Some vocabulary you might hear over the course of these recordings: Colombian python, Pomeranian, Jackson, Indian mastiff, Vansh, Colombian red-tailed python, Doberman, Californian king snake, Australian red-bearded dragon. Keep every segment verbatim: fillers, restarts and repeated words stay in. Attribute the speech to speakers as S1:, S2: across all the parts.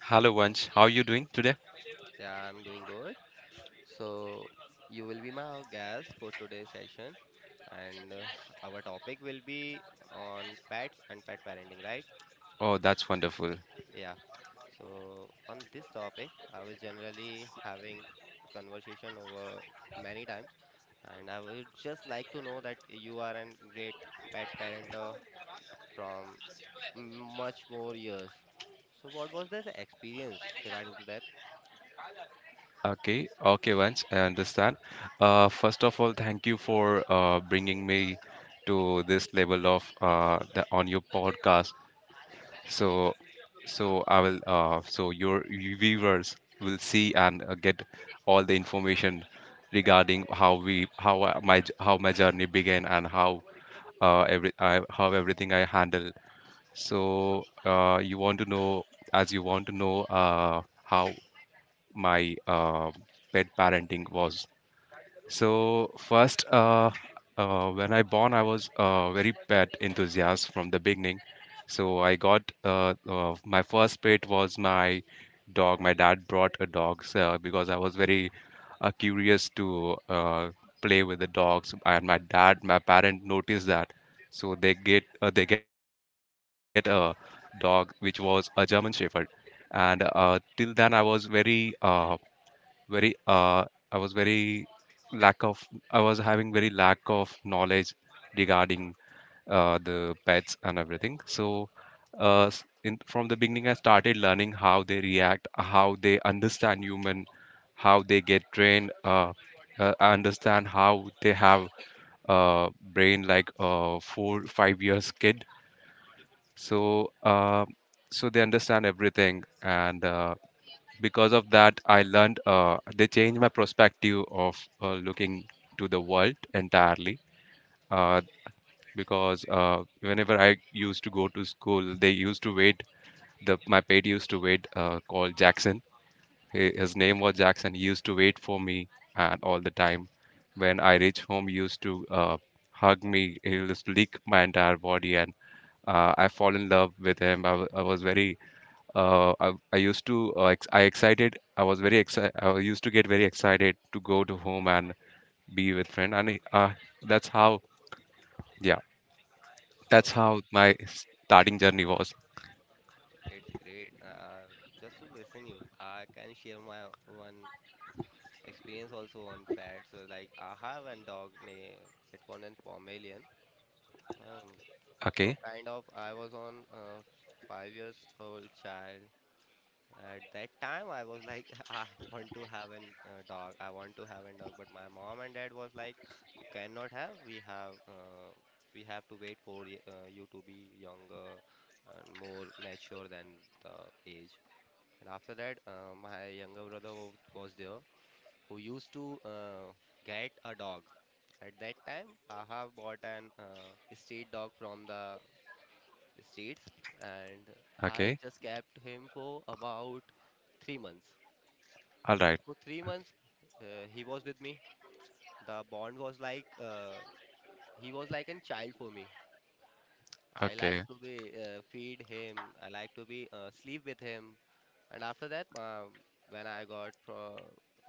S1: Hello, Vansh. How are you doing today?
S2: Yeah, I'm doing good. So, you will be my guest for today's session, and uh, our topic will be on pets and pet parenting, right?
S1: Oh, that's wonderful.
S2: Yeah. So, on this topic, I was generally having a conversation over many times, and I would just like to know that you are a great pet parenter from m- much more years. So, what was the experience regarding to that?
S1: Okay, okay, Vansh. I understand. Uh, first of all, thank you for uh, bringing me to this level of uh, the on your podcast. So, so I will. Uh, so your viewers will see and uh, get all the information regarding how we how I- my j- how my journey began and how uh, every I, how everything I handle. So uh, you want to know, as you want to know, uh, how my uh, pet parenting was. So first, uh, uh, when I born, I was uh, very pet enthusiast from the beginning. So I got uh, uh, my first pet was my dog. My dad brought a dog uh, because I was very uh, curious to uh, play with the dogs, and my dad my parent noticed that, so they get uh, they get a dog which was a German Shepherd. And uh, till then I was very uh, very uh, I was very lack of I was having very lack of knowledge regarding uh, the pets and everything. So, uh, s- in, from the beginning, I started learning how they react, how they understand human, how they get trained. Uh, uh, I understand how they have uh, brain like a four five years kid. So, uh, so they understand everything, and uh, because of that, I learned. Uh, they changed my perspective of uh, looking to the world entirely. Uh, because uh, whenever I used to go to school, they used to wait. The my pet used to wait, uh, called Jackson. He, his name was Jackson. He used to wait for me, and all the time, when I reach home, he used to uh, hug me. He used to lick my entire body, and uh, I fall in love with him. I, wa- I was very, uh, I, I used to, uh, ex- I excited. I was very excited. I used to get very excited to go to home and be with friend, and uh, that's how. Yeah. That's
S2: So.
S1: how my starting journey was.
S2: It's great. Uh, just to listen you, I can share my one experience also on pets. So like I have a dog named it one and Pomelian. Um, from
S1: Okay,
S2: kind of I was on uh, five years old child. At that time I was like I want to have an uh, dog. I want to have a dog. But my mom and dad was like, you cannot have. We have uh, we have to wait for y- uh, you to be younger and more mature than the age. And after that, uh, my younger brother wa- was there who used to uh, get a dog. At that time, I have bought an uh, street dog from the streets, and I
S1: okay,
S2: just kept him for about three months.
S1: all right,
S2: For three months, uh, he was with me. The bond was like uh, he was like a child for me. I like
S1: okay,
S2: to be uh, feed him. I like to be uh, sleep with him. And after that, um, when I got pro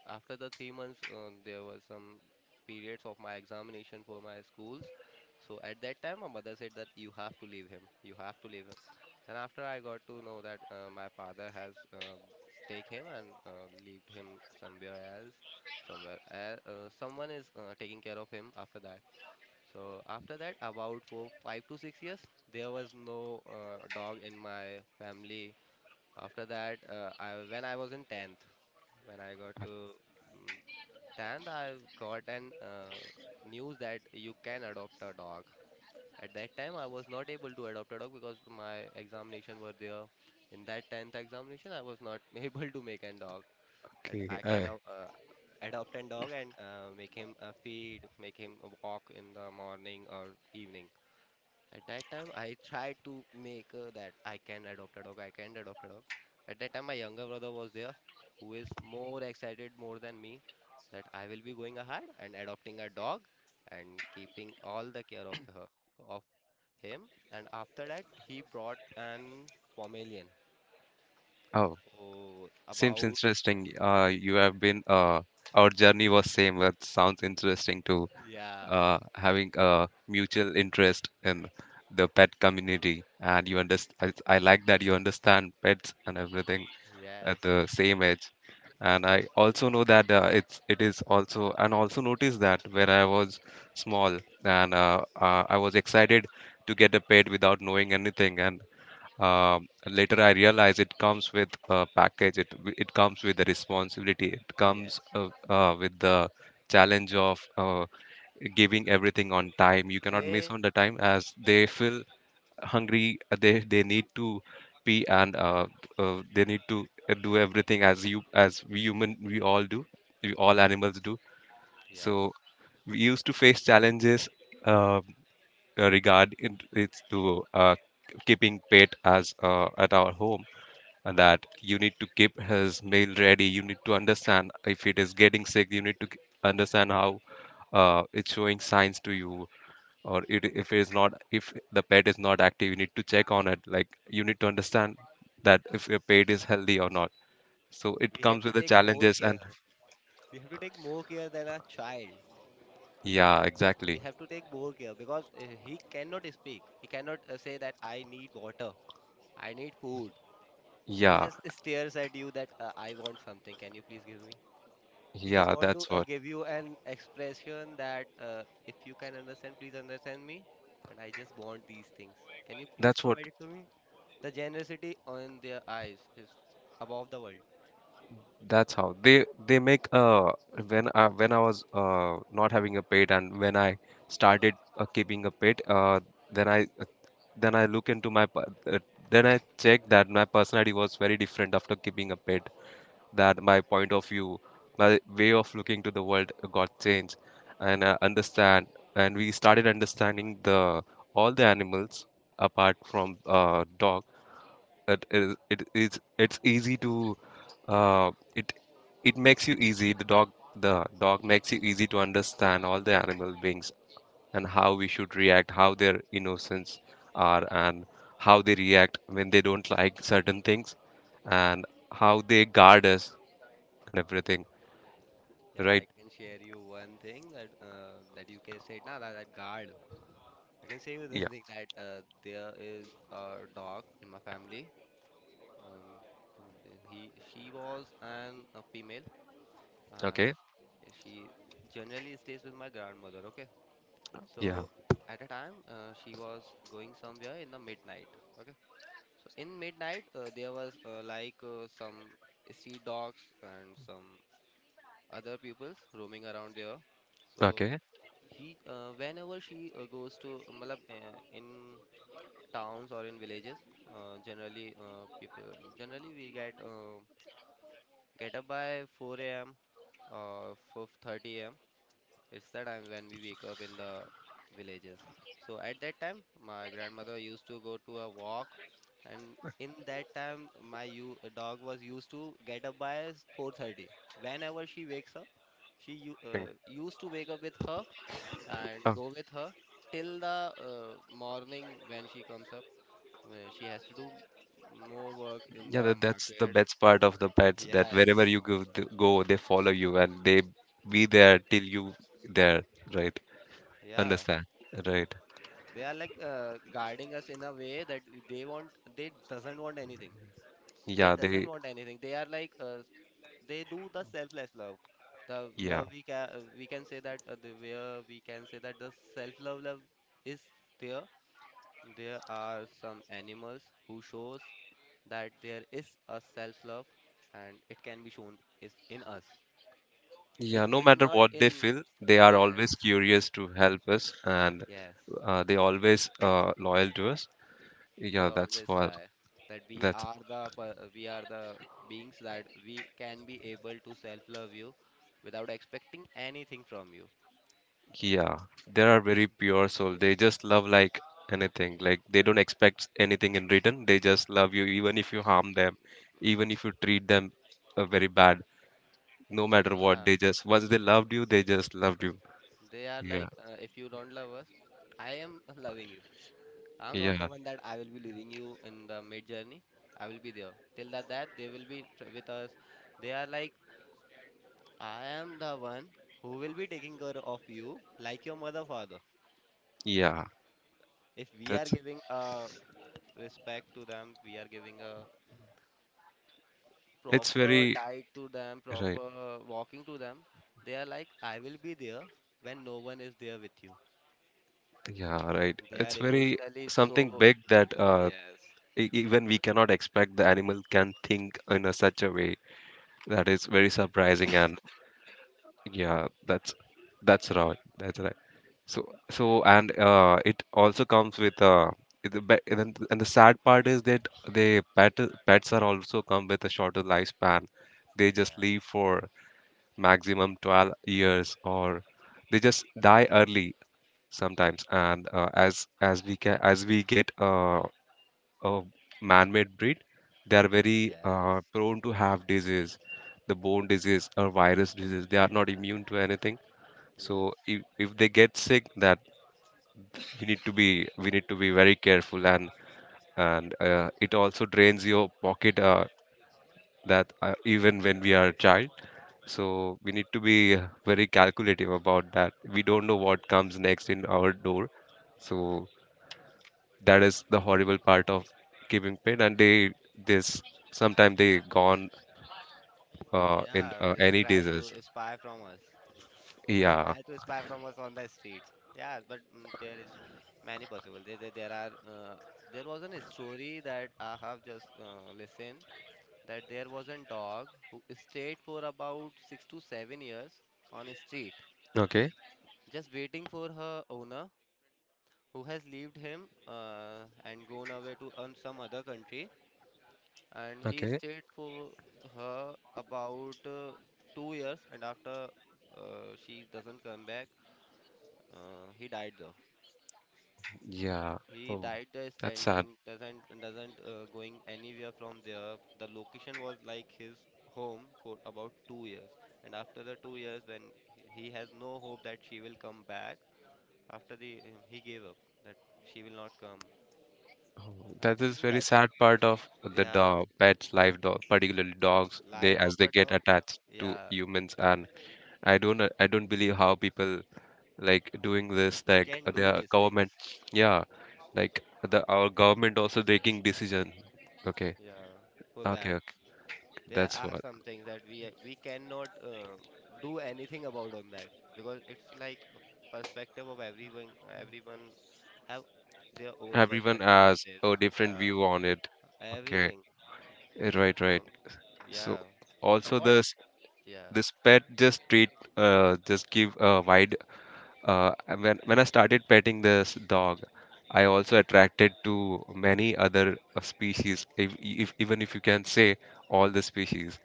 S2: after the three months, um, there was some periods of my examination for my schools. So at that time, my mother said that you have to leave him. You have to leave him. And after I got to know that uh, my father has uh, take him and uh, leave him somewhere else, somewhere el- uh, someone is uh, taking care of him after that. So after that, about for five to six years, there was no uh, dog in my family. After that, uh, I when I was in tenth, when I got to mm, tenth, I got an uh, news that you can adopt a dog. At that time, I was not able to adopt a dog because my examination were there. In that tenth examination, I was not able to make a dog. That
S1: okay.
S2: I can
S1: Uh,
S2: uh, uh, adopt a dog and uh, make him uh, feed, make him walk in the morning or evening. At that time, I tried to make uh, that I can adopt a dog, I can adopt a dog. At that time, my younger brother was there, who is more excited more than me that I will be going ahead and adopting a dog and keeping all the care of her, of him. And after that, he brought an Pomeranian
S1: oh,
S2: for
S1: Seems
S2: about,
S1: interesting. Uh, you have been. Uh, our journey was same. That sounds interesting too.
S2: yeah,
S1: Uh, having a mutual interest in the pet community, and you understand. I, I like that you understand pets and everything at
S2: yes,
S1: the same age. And i also know that uh, it's it is also and also noticed that where i was small. And uh, uh, i was excited to get a pet without knowing anything. And um, later I realized it comes with a package. It w- it comes with the responsibility. It comes,
S2: yes.
S1: uh, uh, with the challenge of uh, giving everything on time. You cannot miss
S2: They,
S1: on the time as they fill hungry. Uh, they they need to pee and uh, uh, they need to uh, do everything as you as we human we all do, we all animals do. So
S2: yes,
S1: we used to face challenges, uh, uh, regard in, it's to uh, keeping pet as uh, at our home. And that you need to keep his meal ready, you need to understand if it is getting sick, you need to k- understand how uh, it's showing signs to you, or it, if it is not, if the pet is not active, you need to check on it. Like you need to understand that if your pet is healthy or not. So it
S2: we have
S1: comes
S2: to
S1: with the
S2: take more
S1: challenges. And
S2: care. We have to take more care than a child.
S1: yeah,
S2: We
S1: exactly.
S2: have to take more care because uh, he cannot speak. He cannot uh, say that I need water, I need food. He
S1: Yeah,
S2: just stares at you that uh, I want something. Can you please give me? He just
S1: yeah,
S2: want to
S1: that's
S2: uh,
S1: what,
S2: give you an expression that uh, if you can understand, please understand me. And I just want these things. Can you please
S1: that's what.
S2: provide it to me? The generosity on their eyes is above the world.
S1: That's how they they make uh, when I when I was uh, not having a pet, and when I started uh, keeping a pet uh, then I then I look into my per- uh, then I check that my personality was very different after keeping a pet, that my point of view, my way of looking to the world got changed, and I understand. And we started understanding the all the animals apart from uh, dog. It is it is it's easy to uh, it it makes you easy. The dog the dog makes you easy to understand all the animal beings and how we should react, how their innocence are, and how they react when they don't like certain things, and how they guard us and everything,
S2: Yeah,
S1: right?
S2: I can share you one thing that uh, that you can say, nah, that, that guard. I can say you the
S1: Yeah.
S2: thing that uh, there is a dog in my family. Um, and uh, he she was an a female. Uh, s-
S1: Okay.
S2: uh, she generally stays with my grandmother. Okay,
S1: Yeah.
S2: so at a time uh, she was going somewhere in the midnight. Okay, so in midnight uh, there was uh, like uh, some street dogs and some other peoples roaming around there. So
S1: Okay.
S2: he uh, whenever she uh, goes to, uh, matlab, uh, in towns or in villages. Uh, generally, uh, people generally we get uh, get up by four a m or four thirty a m. It's the time when we wake up in the villages. So at that time, my grandmother used to go to a walk, and in that time, my u dog was used to get up by four thirty. Whenever she wakes up, she u
S1: Think-
S2: uh, used to wake up with her and
S1: Oh,
S2: go with her till the uh, morning when she comes up where she has to do m- more work in
S1: yeah,
S2: the
S1: that, that's the
S2: market.
S1: best part of the pets that wherever
S2: Yes.
S1: you go, th- go, they follow you and they be there till you there, right?
S2: Yeah.
S1: Understand? Right.
S2: They are like uh, guarding us in a way that they want they doesn't want anything. They
S1: Yeah,
S2: doesn't
S1: they,
S2: want anything. They are like uh, they do the selfless love. The
S1: yeah.
S2: love we can we can say that uh, the where we can say that the self love love is there. There are some animals who shows that there is a self love and it can be shown is in us.
S1: Yeah,
S2: It
S1: no
S2: is
S1: matter
S2: not
S1: what they
S2: in.
S1: feel, they are always
S2: Yes,
S1: curious to help us, and
S2: yes.
S1: uh, they always uh, loyal to us.
S2: They
S1: Yeah, that's
S2: always
S1: what,
S2: try that we
S1: that's.
S2: are the per- we are the beings that we can be able to self-love you without expecting anything from you.
S1: Yeah, they are very pure soul. They just love like anything. Like they don't expect anything in return. They just love you, even if you harm them, even if you treat them uh, very bad. No matter what,
S2: Yeah,
S1: they just once they loved you, they just loved you.
S2: they are
S1: Yeah,
S2: like uh, if you don't love us, I am loving you. I'm not
S1: yeah,
S2: the one that I will be leaving you in the mid journey. I will be there till that that they will be tr- with us. They are like, I am the one who will be taking care of you like your mother father.
S1: yeah.
S2: If we are
S1: That's
S2: giving a respect to them, we are giving a
S1: It's
S2: proper
S1: very
S2: diet to them,
S1: right.
S2: proper walking to them. They are like, I will be there when no one is there with you.
S1: Yeah, right.
S2: They are
S1: It's very
S2: emotionally so.
S1: something big that uh,
S2: Yes.
S1: e- even we cannot expect the animal can think in a such a way, that is very surprising. And yeah, that's that's right. That's right. So so
S2: Yeah.
S1: and uh, it also comes with uh, the be- and then th- and the sad part is that they pet pets are also come with a shorter lifespan. They just live
S2: Yes,
S1: for maximum twelve years, or they just die early sometimes. And uh, as as we can as we get uh, a man-made breed, they are very uh,
S2: yes,
S1: prone to have disease, the bone disease or virus disease. They are not immune to anything.
S2: yes.
S1: So if, if they get sick, that you need to be we need to be very careful. And and uh, it also drains your pocket, uh, that uh, even when we are a child. So we need to be uh, very calculative about that, we don't know what comes next in our door. So that is the horrible part of keeping pet. And they this sometimes they gone uh, in
S2: Yeah,
S1: uh,
S2: they
S1: any
S2: try to
S1: disease.
S2: spy from us, they
S1: Yeah.
S2: try to spy from us on the streets. Yeah, but mm, there is many possible. There, there, there are uh, there was an story that I have just uh, listened that there was a dog who stayed for about six to seven years on a street,
S1: Okay,
S2: just waiting for her owner who has left him uh, and gone away to um, some other country. And he
S1: okay.
S2: stayed for her about uh, two years, and after uh, she doesn't come back, uh, he died though.
S1: Yeah.
S2: He
S1: Oh,
S2: died there
S1: that's sad.
S2: standing, doesn't doesn't uh, going anywhere from there. The location was like his home for about two years, and after the two years, when he, he has no hope that she will come back, after the uh, he gave up that she will not come.
S1: Oh, that
S2: I've
S1: is
S2: seen
S1: very
S2: that.
S1: sad part of the
S2: Yeah,
S1: dog, pets' life, dog, particularly
S2: the
S1: dogs. They
S2: life of
S1: as they
S2: a
S1: get
S2: dog.
S1: attached to
S2: Yeah,
S1: humans, and I don't, uh, I don't believe how people like doing this. Like
S2: can do
S1: their
S2: these
S1: government,
S2: things.
S1: yeah, like the our government also taking decision. Okay,
S2: Yeah, for
S1: okay,
S2: that.
S1: okay.
S2: There
S1: That's
S2: are
S1: what,
S2: some things that we we cannot uh, do anything about on that because it's like a perspective of everyone everyone have their own
S1: everyone
S2: perspective on
S1: has
S2: this.
S1: a different
S2: Yeah,
S1: view on it. Okay,
S2: everything
S1: eh, right, right.
S2: on.
S1: So
S2: Yeah. Uh,
S1: also
S2: what
S1: the
S2: yeah,
S1: this pet just treat uh, just give a wide uh, when when I started petting this dog, I also attracted to many other uh, species, if, if even if you can say all the species.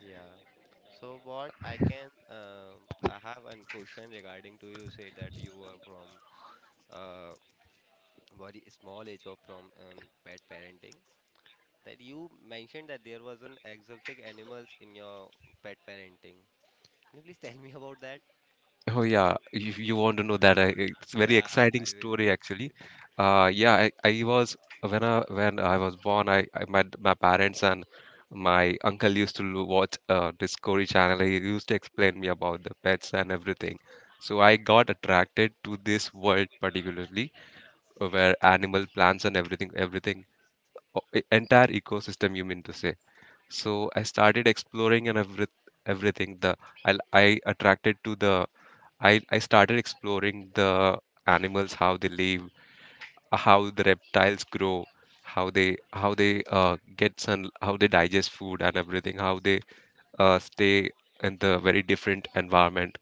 S2: yeah. So what I can, um I have a question regarding to you said that you were from uh very small age or from um, pet parenting that you mentioned that there was an exotic animals in your pet parenting. Can you please tell me about that?
S1: Oh yeah, you, you want to know that? I, it's a very
S2: Yeah,
S1: exciting
S2: I will
S1: story
S2: be.
S1: actually. Uh, yeah, I, I was when I when I was born, I, I met my parents, and my uncle used to lo- watch uh, Discovery Channel. He used to explain me about the pets and everything. So I got attracted to this world particularly, uh, where animal, plants, and everything, everything, o- e- entire ecosystem, you mean to say. So I started exploring and every, everything. The I, I attracted to the I, I started exploring the animals, how they live, uh, how the reptiles grow, how they how they uh, get sun, how they digest food and everything, how they uh, stay in the very different environment.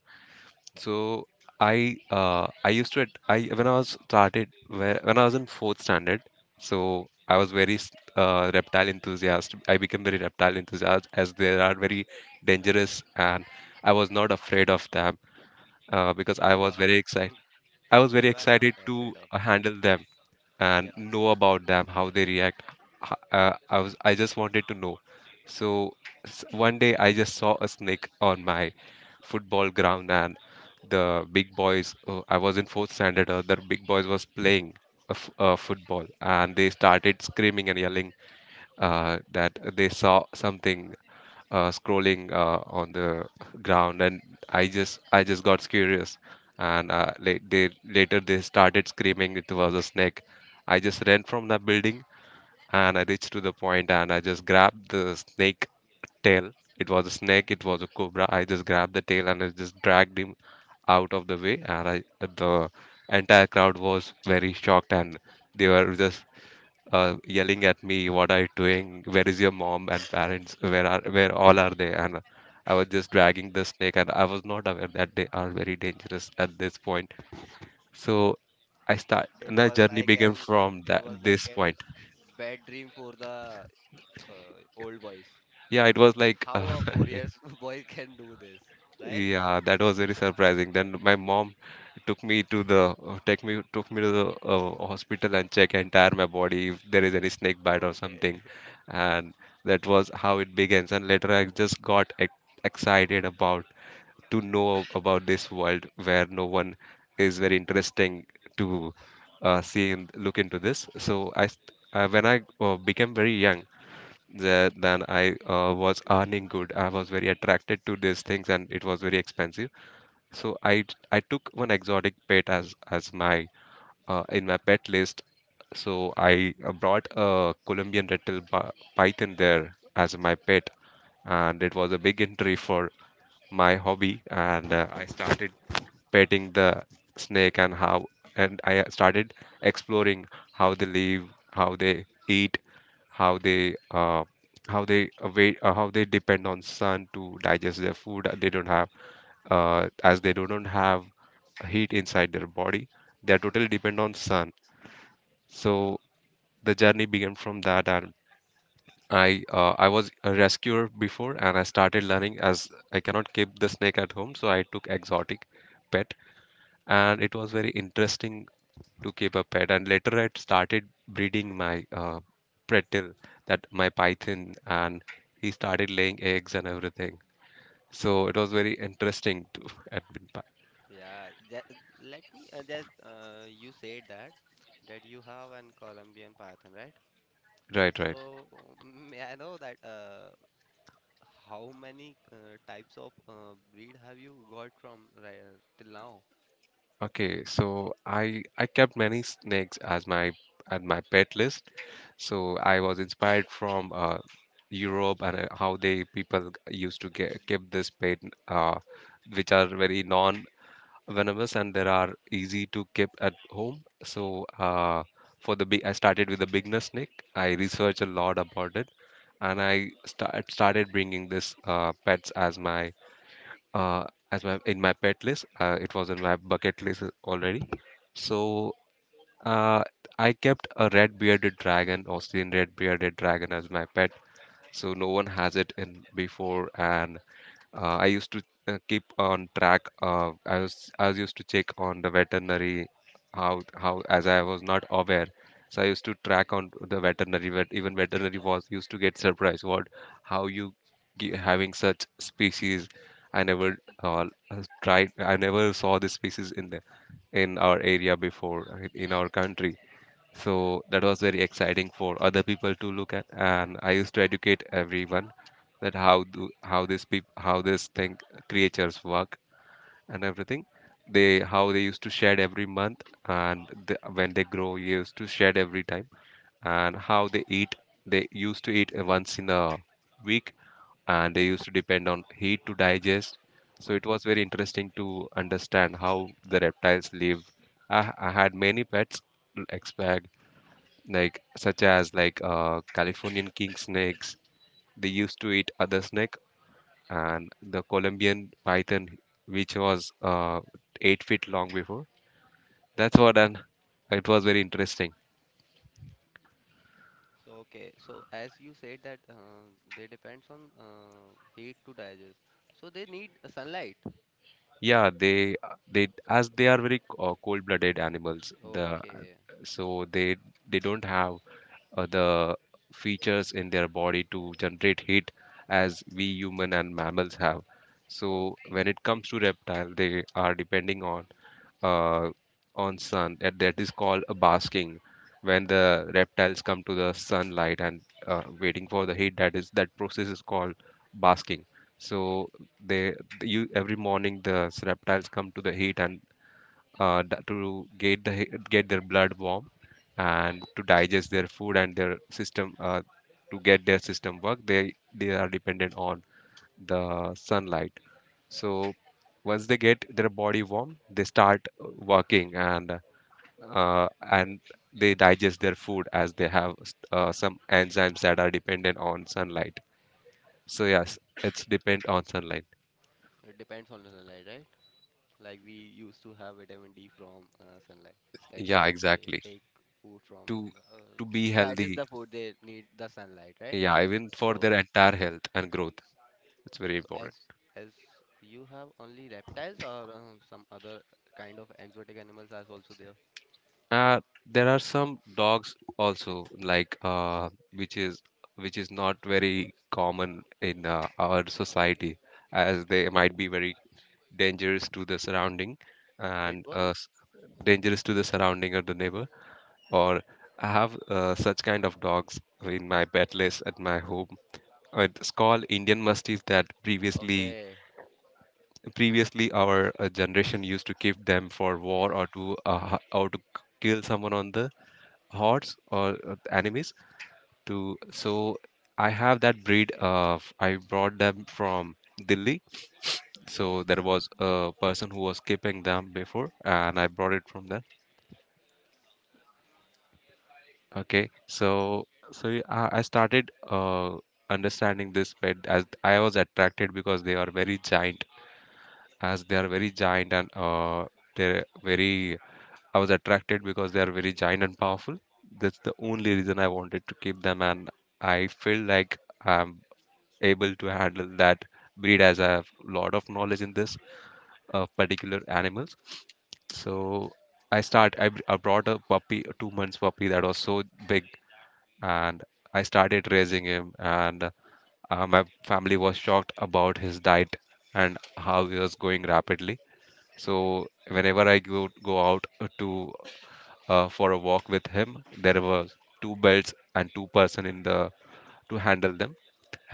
S1: So I uh, I used to at- I when I was started whe- when I was in fourth standard, so I was very s- uh, reptile enthusiast. I became very reptile enthusiast, as they are very dangerous, and I was not afraid of them uh, because I
S2: You
S1: was
S2: are
S1: very excited. I was very
S2: you are
S1: excited
S2: not
S1: to
S2: afraid of
S1: uh,
S2: them.
S1: handle them
S2: Yeah.
S1: and know about them, how they react. H- Uh, I was I just wanted to know. So s- one day I just saw a snake on my football ground, and the big boys. Uh, I was in fourth standard. Uh, the big boys was playing a f- uh, football, and they started screaming and yelling uh, that they saw something uh, scrolling uh, on the ground. And I just I just got curious, and uh, la- they later they started screaming it was a snake. I just ran from the building, and I reached to the point, and I just grabbed the snake tail. It was a snake. It was a cobra. I just grabbed the tail, and I just dragged him out of the way. And I, the entire crowd was very shocked, and they were just uh, yelling at me, "What are you doing? Where is your mom and parents? Where are where all are they?" And I was just dragging the snake, and I was not aware that they are very dangerous at this point. So I start,
S2: It
S1: and the
S2: was
S1: journey
S2: like
S1: began
S2: an uh,
S1: from
S2: it was
S1: that
S2: like
S1: this
S2: an
S1: point.
S2: bad dream for the uh, old boys.
S1: Yeah, it was
S2: That
S1: like
S2: How
S1: uh,
S2: a four years boy can do this, right?
S1: Yeah, that was very surprising. Then my mom took me to the uh, take me took me to the uh, hospital and check entire my body if there is any snake bite or
S2: Okay.
S1: something, and that was how it begins. And later I just got ex excited about to know about this world where no one is very interesting to uh, see and look into this. So I, st- uh, when I uh, became very young, the, then I uh, was earning good. I was very attracted to these things, and it was very expensive. So I I took one exotic pet as as my uh, in my pet list. So I uh, brought a Colombian red-tailed pi- python there as my pet, and it was a big entry for my hobby. And uh, I started petting the snake and how and I uh, started exploring how they live, how they eat, how they uh, how they uh, wait, uh, how they depend on sun to digest their food. uh, They don't have uh, as they do not have heat inside their body. They are totally dependent on sun. So the journey began from that, and I uh, I was a rescuer before, and I started learning as I cannot keep the snake at home, so I took exotic pet, and it was very interesting to keep a pet. And later I started breeding my uh, pretil, that my python, and he started laying eggs and everything. So it was very interesting to admit.
S2: Yeah. That, let me uh, just uh, You said that that you have an Colombian python, right?
S1: Right, right.
S2: So, mm, may I know that uh, How many uh, types of uh, breed have you got from right, till now?
S1: Okay, so I I kept many snakes as my at my pet list. So I was inspired from uh, Europe and uh, how they people used to get, keep this pet, uh, which are very non-venomous and they are easy to keep at home. So uh, for the big, I started with the beginner snake. I researched a lot about it, and I start, started bringing this uh, pets as my uh, as my in my pet list. Uh, it was in my bucket list already. So uh, I kept a red-bearded dragon, Australian red-bearded dragon, as my pet. So no one has it in before, and uh, I used to uh, keep on track. Uh, I was I was used to check on the veterinary how how as I was not aware. So I used to track on the veterinary. Vet, even veterinary was used to get surprised. What how you ge- having such species? I never uh, tried. I never saw this species in the in our area before uh, in our country. So that was very exciting for other people to look at, and I used to educate everyone that how do how this peop how this thing creatures work and everything. They how they used to shed every month, and the, when they grow, they used to shed every time, and how they eat. They used to eat once in a week, and they used to depend on heat to digest. So it was very interesting to understand how the reptiles live. I, I had many pets, like like such as like uh, Californian king snakes. They used to eat other snake, and the Colombian python, which was uh, eight feet long before. That's what, and it was very interesting.
S2: So okay, so as you said that uh, they depends on uh, heat to digest. So they need uh, sunlight.
S1: Yeah, they they as they are very uh, cold-blooded animals. The
S2: Okay,
S1: so they they don't have uh, the features in their body to generate heat as we human and mammals have. So
S2: okay,
S1: when it comes to reptile, they are depending on uh, on sun that, that is called a basking when
S2: okay.
S1: the reptiles come to the sunlight and uh, waiting for the heat that is that process is called basking so they you every morning the s- reptiles come to the heat and uh, d- to get the he- get their blood warm and to digest their food and their system uh, to get their system work they they are dependent on the sunlight so once they get their body warm, they start walking and uh, and they digest their food as they have uh, some enzymes that are dependent on sunlight. So yes, it's depend on sunlight.
S2: It depends on the sunlight, right? Like we used to have vitamin D from uh, sunlight. That's
S1: Yeah,
S2: how they
S1: exactly.
S2: take food from
S1: To
S2: the, uh,
S1: to be
S2: to digest
S1: healthy,
S2: the food. They need the sunlight, right?
S1: yeah, even for their
S2: So
S1: entire health and growth, it's very
S2: So
S1: important.
S2: as as you have only reptiles or um, some other kind of exotic animals are also there?
S1: Uh, there are some dogs also like uh, which is which is not very common in uh, our society as they might be very dangerous to the surrounding
S2: Pit
S1: and uh,
S2: bull?
S1: s- dangerous to the surrounding or the neighbor or I have uh, such kind of dogs in my pet list at my home. Uh, it's called Indian mustiff that previously
S2: Okay.
S1: previously our uh, generation used to keep them for war or
S2: Yes.
S1: to uh, h- or to k- kill someone on the hordes or uh, enemies to so I have that breed of I brought them from Delhi, so there was a person who was keeping them before and I brought it from there. Okay, so so y- i, I started uh, understanding this pet as I was attracted because they are very giant as they are very giant and uh, they're very I was attracted because they are very giant and powerful. That's the only reason I wanted to keep them and I feel like I'm able to handle that breed as I have a lot of knowledge in this of particular animals. So I start. I, br- I brought a puppy, a two months puppy that was so big, and I started raising him. And uh, my family was shocked about his diet and how he was going rapidly. So whenever I go go out uh, to uh, for a walk with him, there was two belts and two person in the to handle them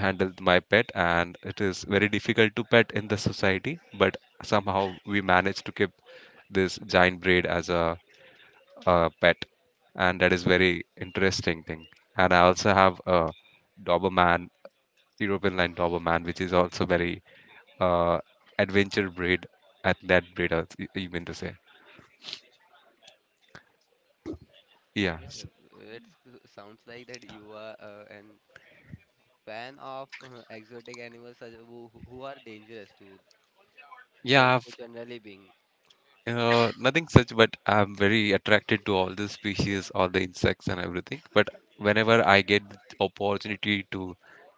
S1: handle my pet and it is very difficult to pet in the society but somehow we managed to keep this giant braid as a, a pet and that is very
S2: Okay.
S1: interesting thing. And I also have a doberman, european line doberman which is also very uh adventure breed at that breed I was- you mean to say yeah
S2: Yeah,
S1: s-
S2: it sounds like that you are uh, an fan of uh, exotic animals such- who who who are dangerous to gen
S1: yeah
S2: who generally being.
S1: Uh, nothing such, but I'm very attracted to all the species, all the insects and everything. But whenever I get the opportunity to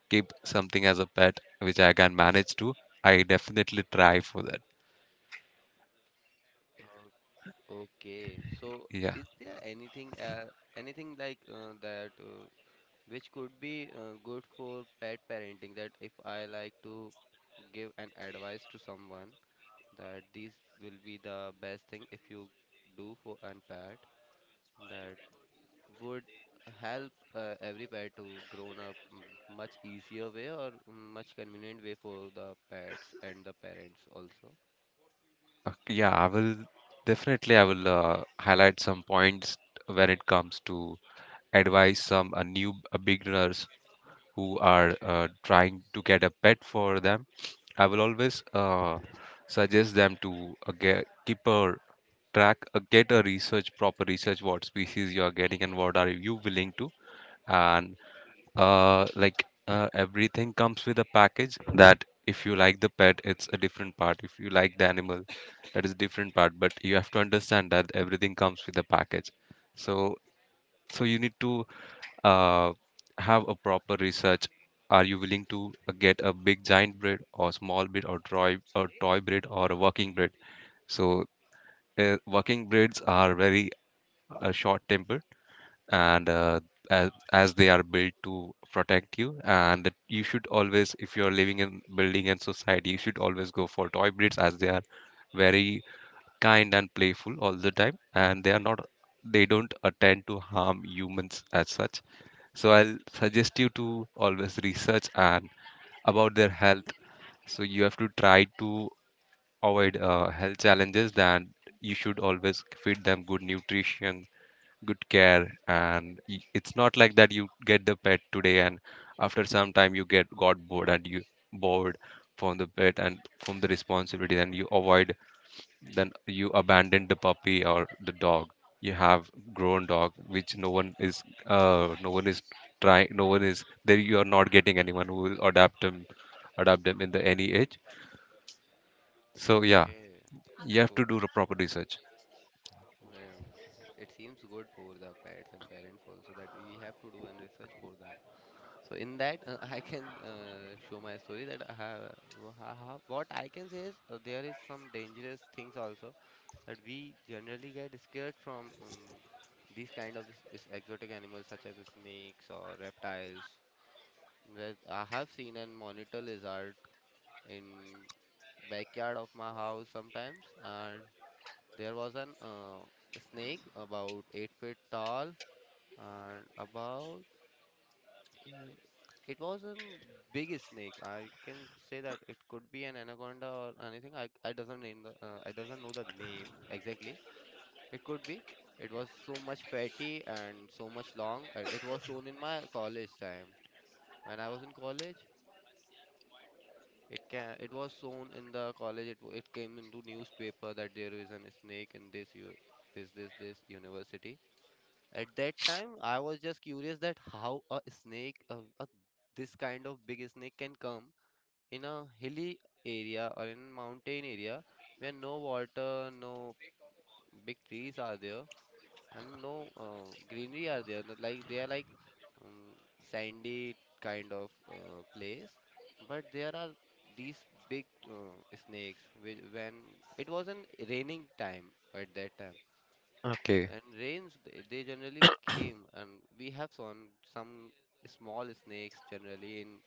S1: keep something as a pet, which I can manage to, I definitely try for that.
S2: O- Okay. So
S1: Yeah,
S2: is there anything uh, anything like uh, that? Uh, which could be uh, good for pet parenting that if I like to give an advice to someone that these will be the best thing if you do for an pet that would help uh, every pet to grown up mm, much easier way or mm, much convenient way for the pets and the parents also.
S1: okay, yeah, I will definitely I will uh, highlight some points when it comes to advise some uh, new uh, beginners who are uh, trying to get a pet for them. I will always uh, suggest them to uh, get keep a track uh, get a research proper research what species you are getting and what are you willing to and uh, like uh, everything comes with a package that if you like the pet it's a different part if you like the animal that is a different part but you have to understand that everything comes with a package so so you need to uh, have a proper research are you willing to uh, get a big giant breed or small breed or toy or toy breed or a working breed so uh, working breeds are very uh, short tempered and uh, as, as they are built to protect you and that you should always if you're living in building and society you should always go for toy breeds as they are very kind and playful all the time and they are not they don't attend to harm humans as such so I'll suggest you to always research and about their health so you have to try to avoid uh, health challenges then you should always feed them good nutrition good care and y- it's not like that you get the pet today and after some time you get got bored and you bored from the pet and from the responsibility and you avoid then you abandon the puppy or the dog you have grown dog which no one is uh no one is trying no one is there you are not getting anyone who will adapt them adapt them in the any age so yeah
S2: Okay
S1: you have to
S2: so
S1: do the proper research.
S2: um, it seems good for the pets and parents also that we have to do an research for them. So in that, uh, I can uh, show my story that I have, wha- ha- ha- what I can say is uh, there is some dangerous things also that we generally get scared from um, these kind of s- s- exotic animals such as snakes or reptiles. Where I have seen and monitor lizard in backyard of my house sometimes, and there was an uh, snake about eight feet tall and about eh, it was a big snake. I can say that it could be an anaconda or anything. I I doesn't name the uh, I doesn't know the name exactly. It could be. It was so much fatty and so much long. and it was shown in my college time when I was in college. It can it was shown in the college. It w- it came into newspaper that there is an snake in this you this this this university. At that time, I was just curious that how a snake a, a this kind of big snake can come in a hilly area or in mountain area where no water, no big trees are there, and no uh, greenery are there. no- Like they are like um, sandy kind of uh, place, but there are these big uh, snakes. Which when it was an raining time at that time,
S1: Okay,
S2: and rains they, they generally came, and we have seen some small snakes generally in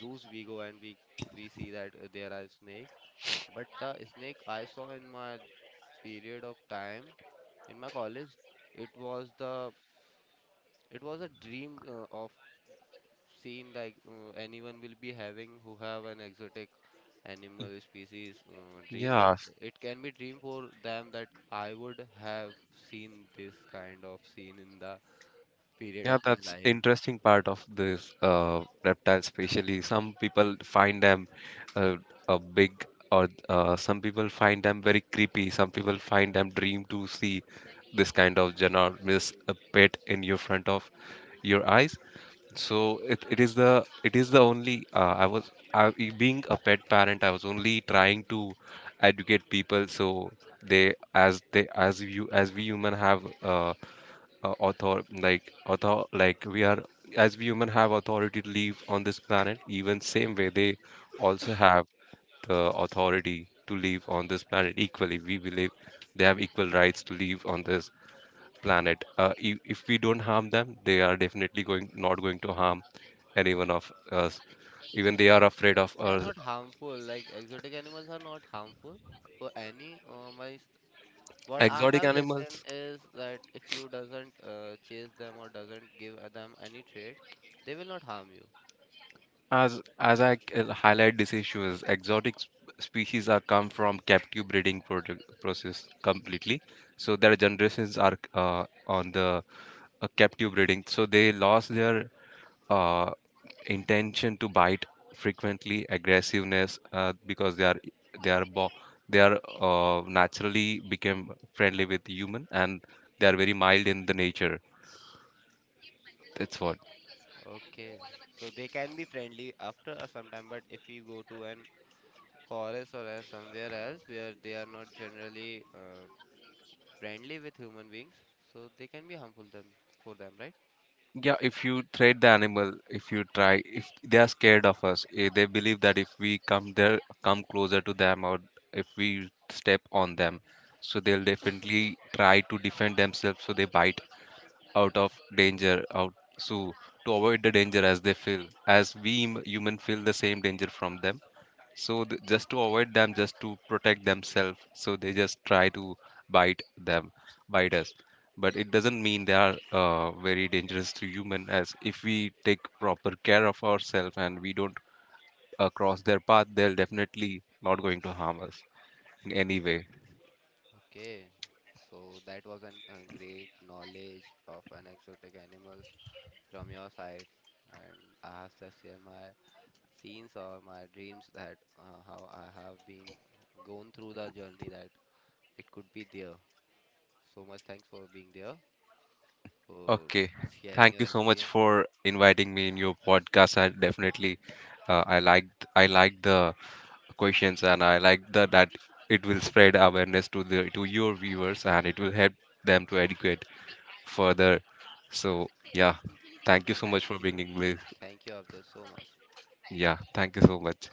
S2: zoos we go and we we see that uh, there are snakes but the snake I saw in my period of time in my college, it was the it was a dream uh, of seeing like uh, anyone will be having who have an exotic animal species uh, dream that
S1: yeah.
S2: it can be dream for them that I would have seen this kind of scene in the period
S1: Yeah,
S2: of my
S1: that's
S2: life.
S1: interesting part of this uh, reptile, especially some people find them uh, a big or uh, some people find them very creepy. Some people find them dream to see this kind of ginormous uh, pet in your front of your eyes. So it, it is the it is the only uh, I was I, being a pet parent, I was only trying to educate people so they as they as you as we human have uh, uh, author like author like we are as we human have authority to live on this planet even same way they also have the authority to live on this planet equally we believe they have equal rights to live on this planet uh, if, if we don't harm them they are definitely going not going to harm anyone of us even they are afraid of
S2: They are
S1: uh,
S2: not harmful. Like exotic animals are not harmful for any. Uh, my What I
S1: exotic
S2: have listened
S1: animals.
S2: is that if you doesn't uh, chase them or doesn't give uh, them any trade, they will not harm you.
S1: As as I c- highlight this issue is exotic sp- species are come from captive breeding product process completely. So their generations are uh, on the uh, captive breeding. So they lost their uh, intention to bite frequently, aggressiveness uh, because they are they are bo- they are uh, naturally became friendly with human and they are very mild in the nature. That's what.
S2: Okay, so they can be friendly after a some time, but if you go to an forest or a somewhere else where they are not generally uh, friendly with human beings, so they can be harmful them for them, right?
S1: Yeah, if you trade the animal, if you try, if they are scared of us, eh, they believe that if we come there, come closer to them, or if we step on them, so they'll definitely try to defend themselves. So they bite out of danger, out so to avoid the danger as they feel, as we hum- human feel the same danger from them so th- just to avoid them just to protect themselves so they just try to bite them bite us but it doesn't mean they are uh, very dangerous to human as if we take proper care of ourselves and we don't uh, cross their path they're definitely not going to harm us in any way.
S2: Okay, so that was an uh, great knowledge of an exotic animals from your side, and I have just shared my scenes or my dreams that uh, how I have been going through the journey that it could be there. So much thanks for being there, for
S1: Okay,
S2: sharing
S1: thank
S2: your
S1: you so much
S2: experience.
S1: for inviting me in your podcast. I definitely uh, i liked I liked the questions and I like the, that it will spread awareness to the to your viewers and it will help them to educate further, so yeah, thank you so much
S2: Thank
S1: for
S2: you.
S1: bringing this.
S2: Thank you, Abdul, so much.
S1: Yeah, thank you so much.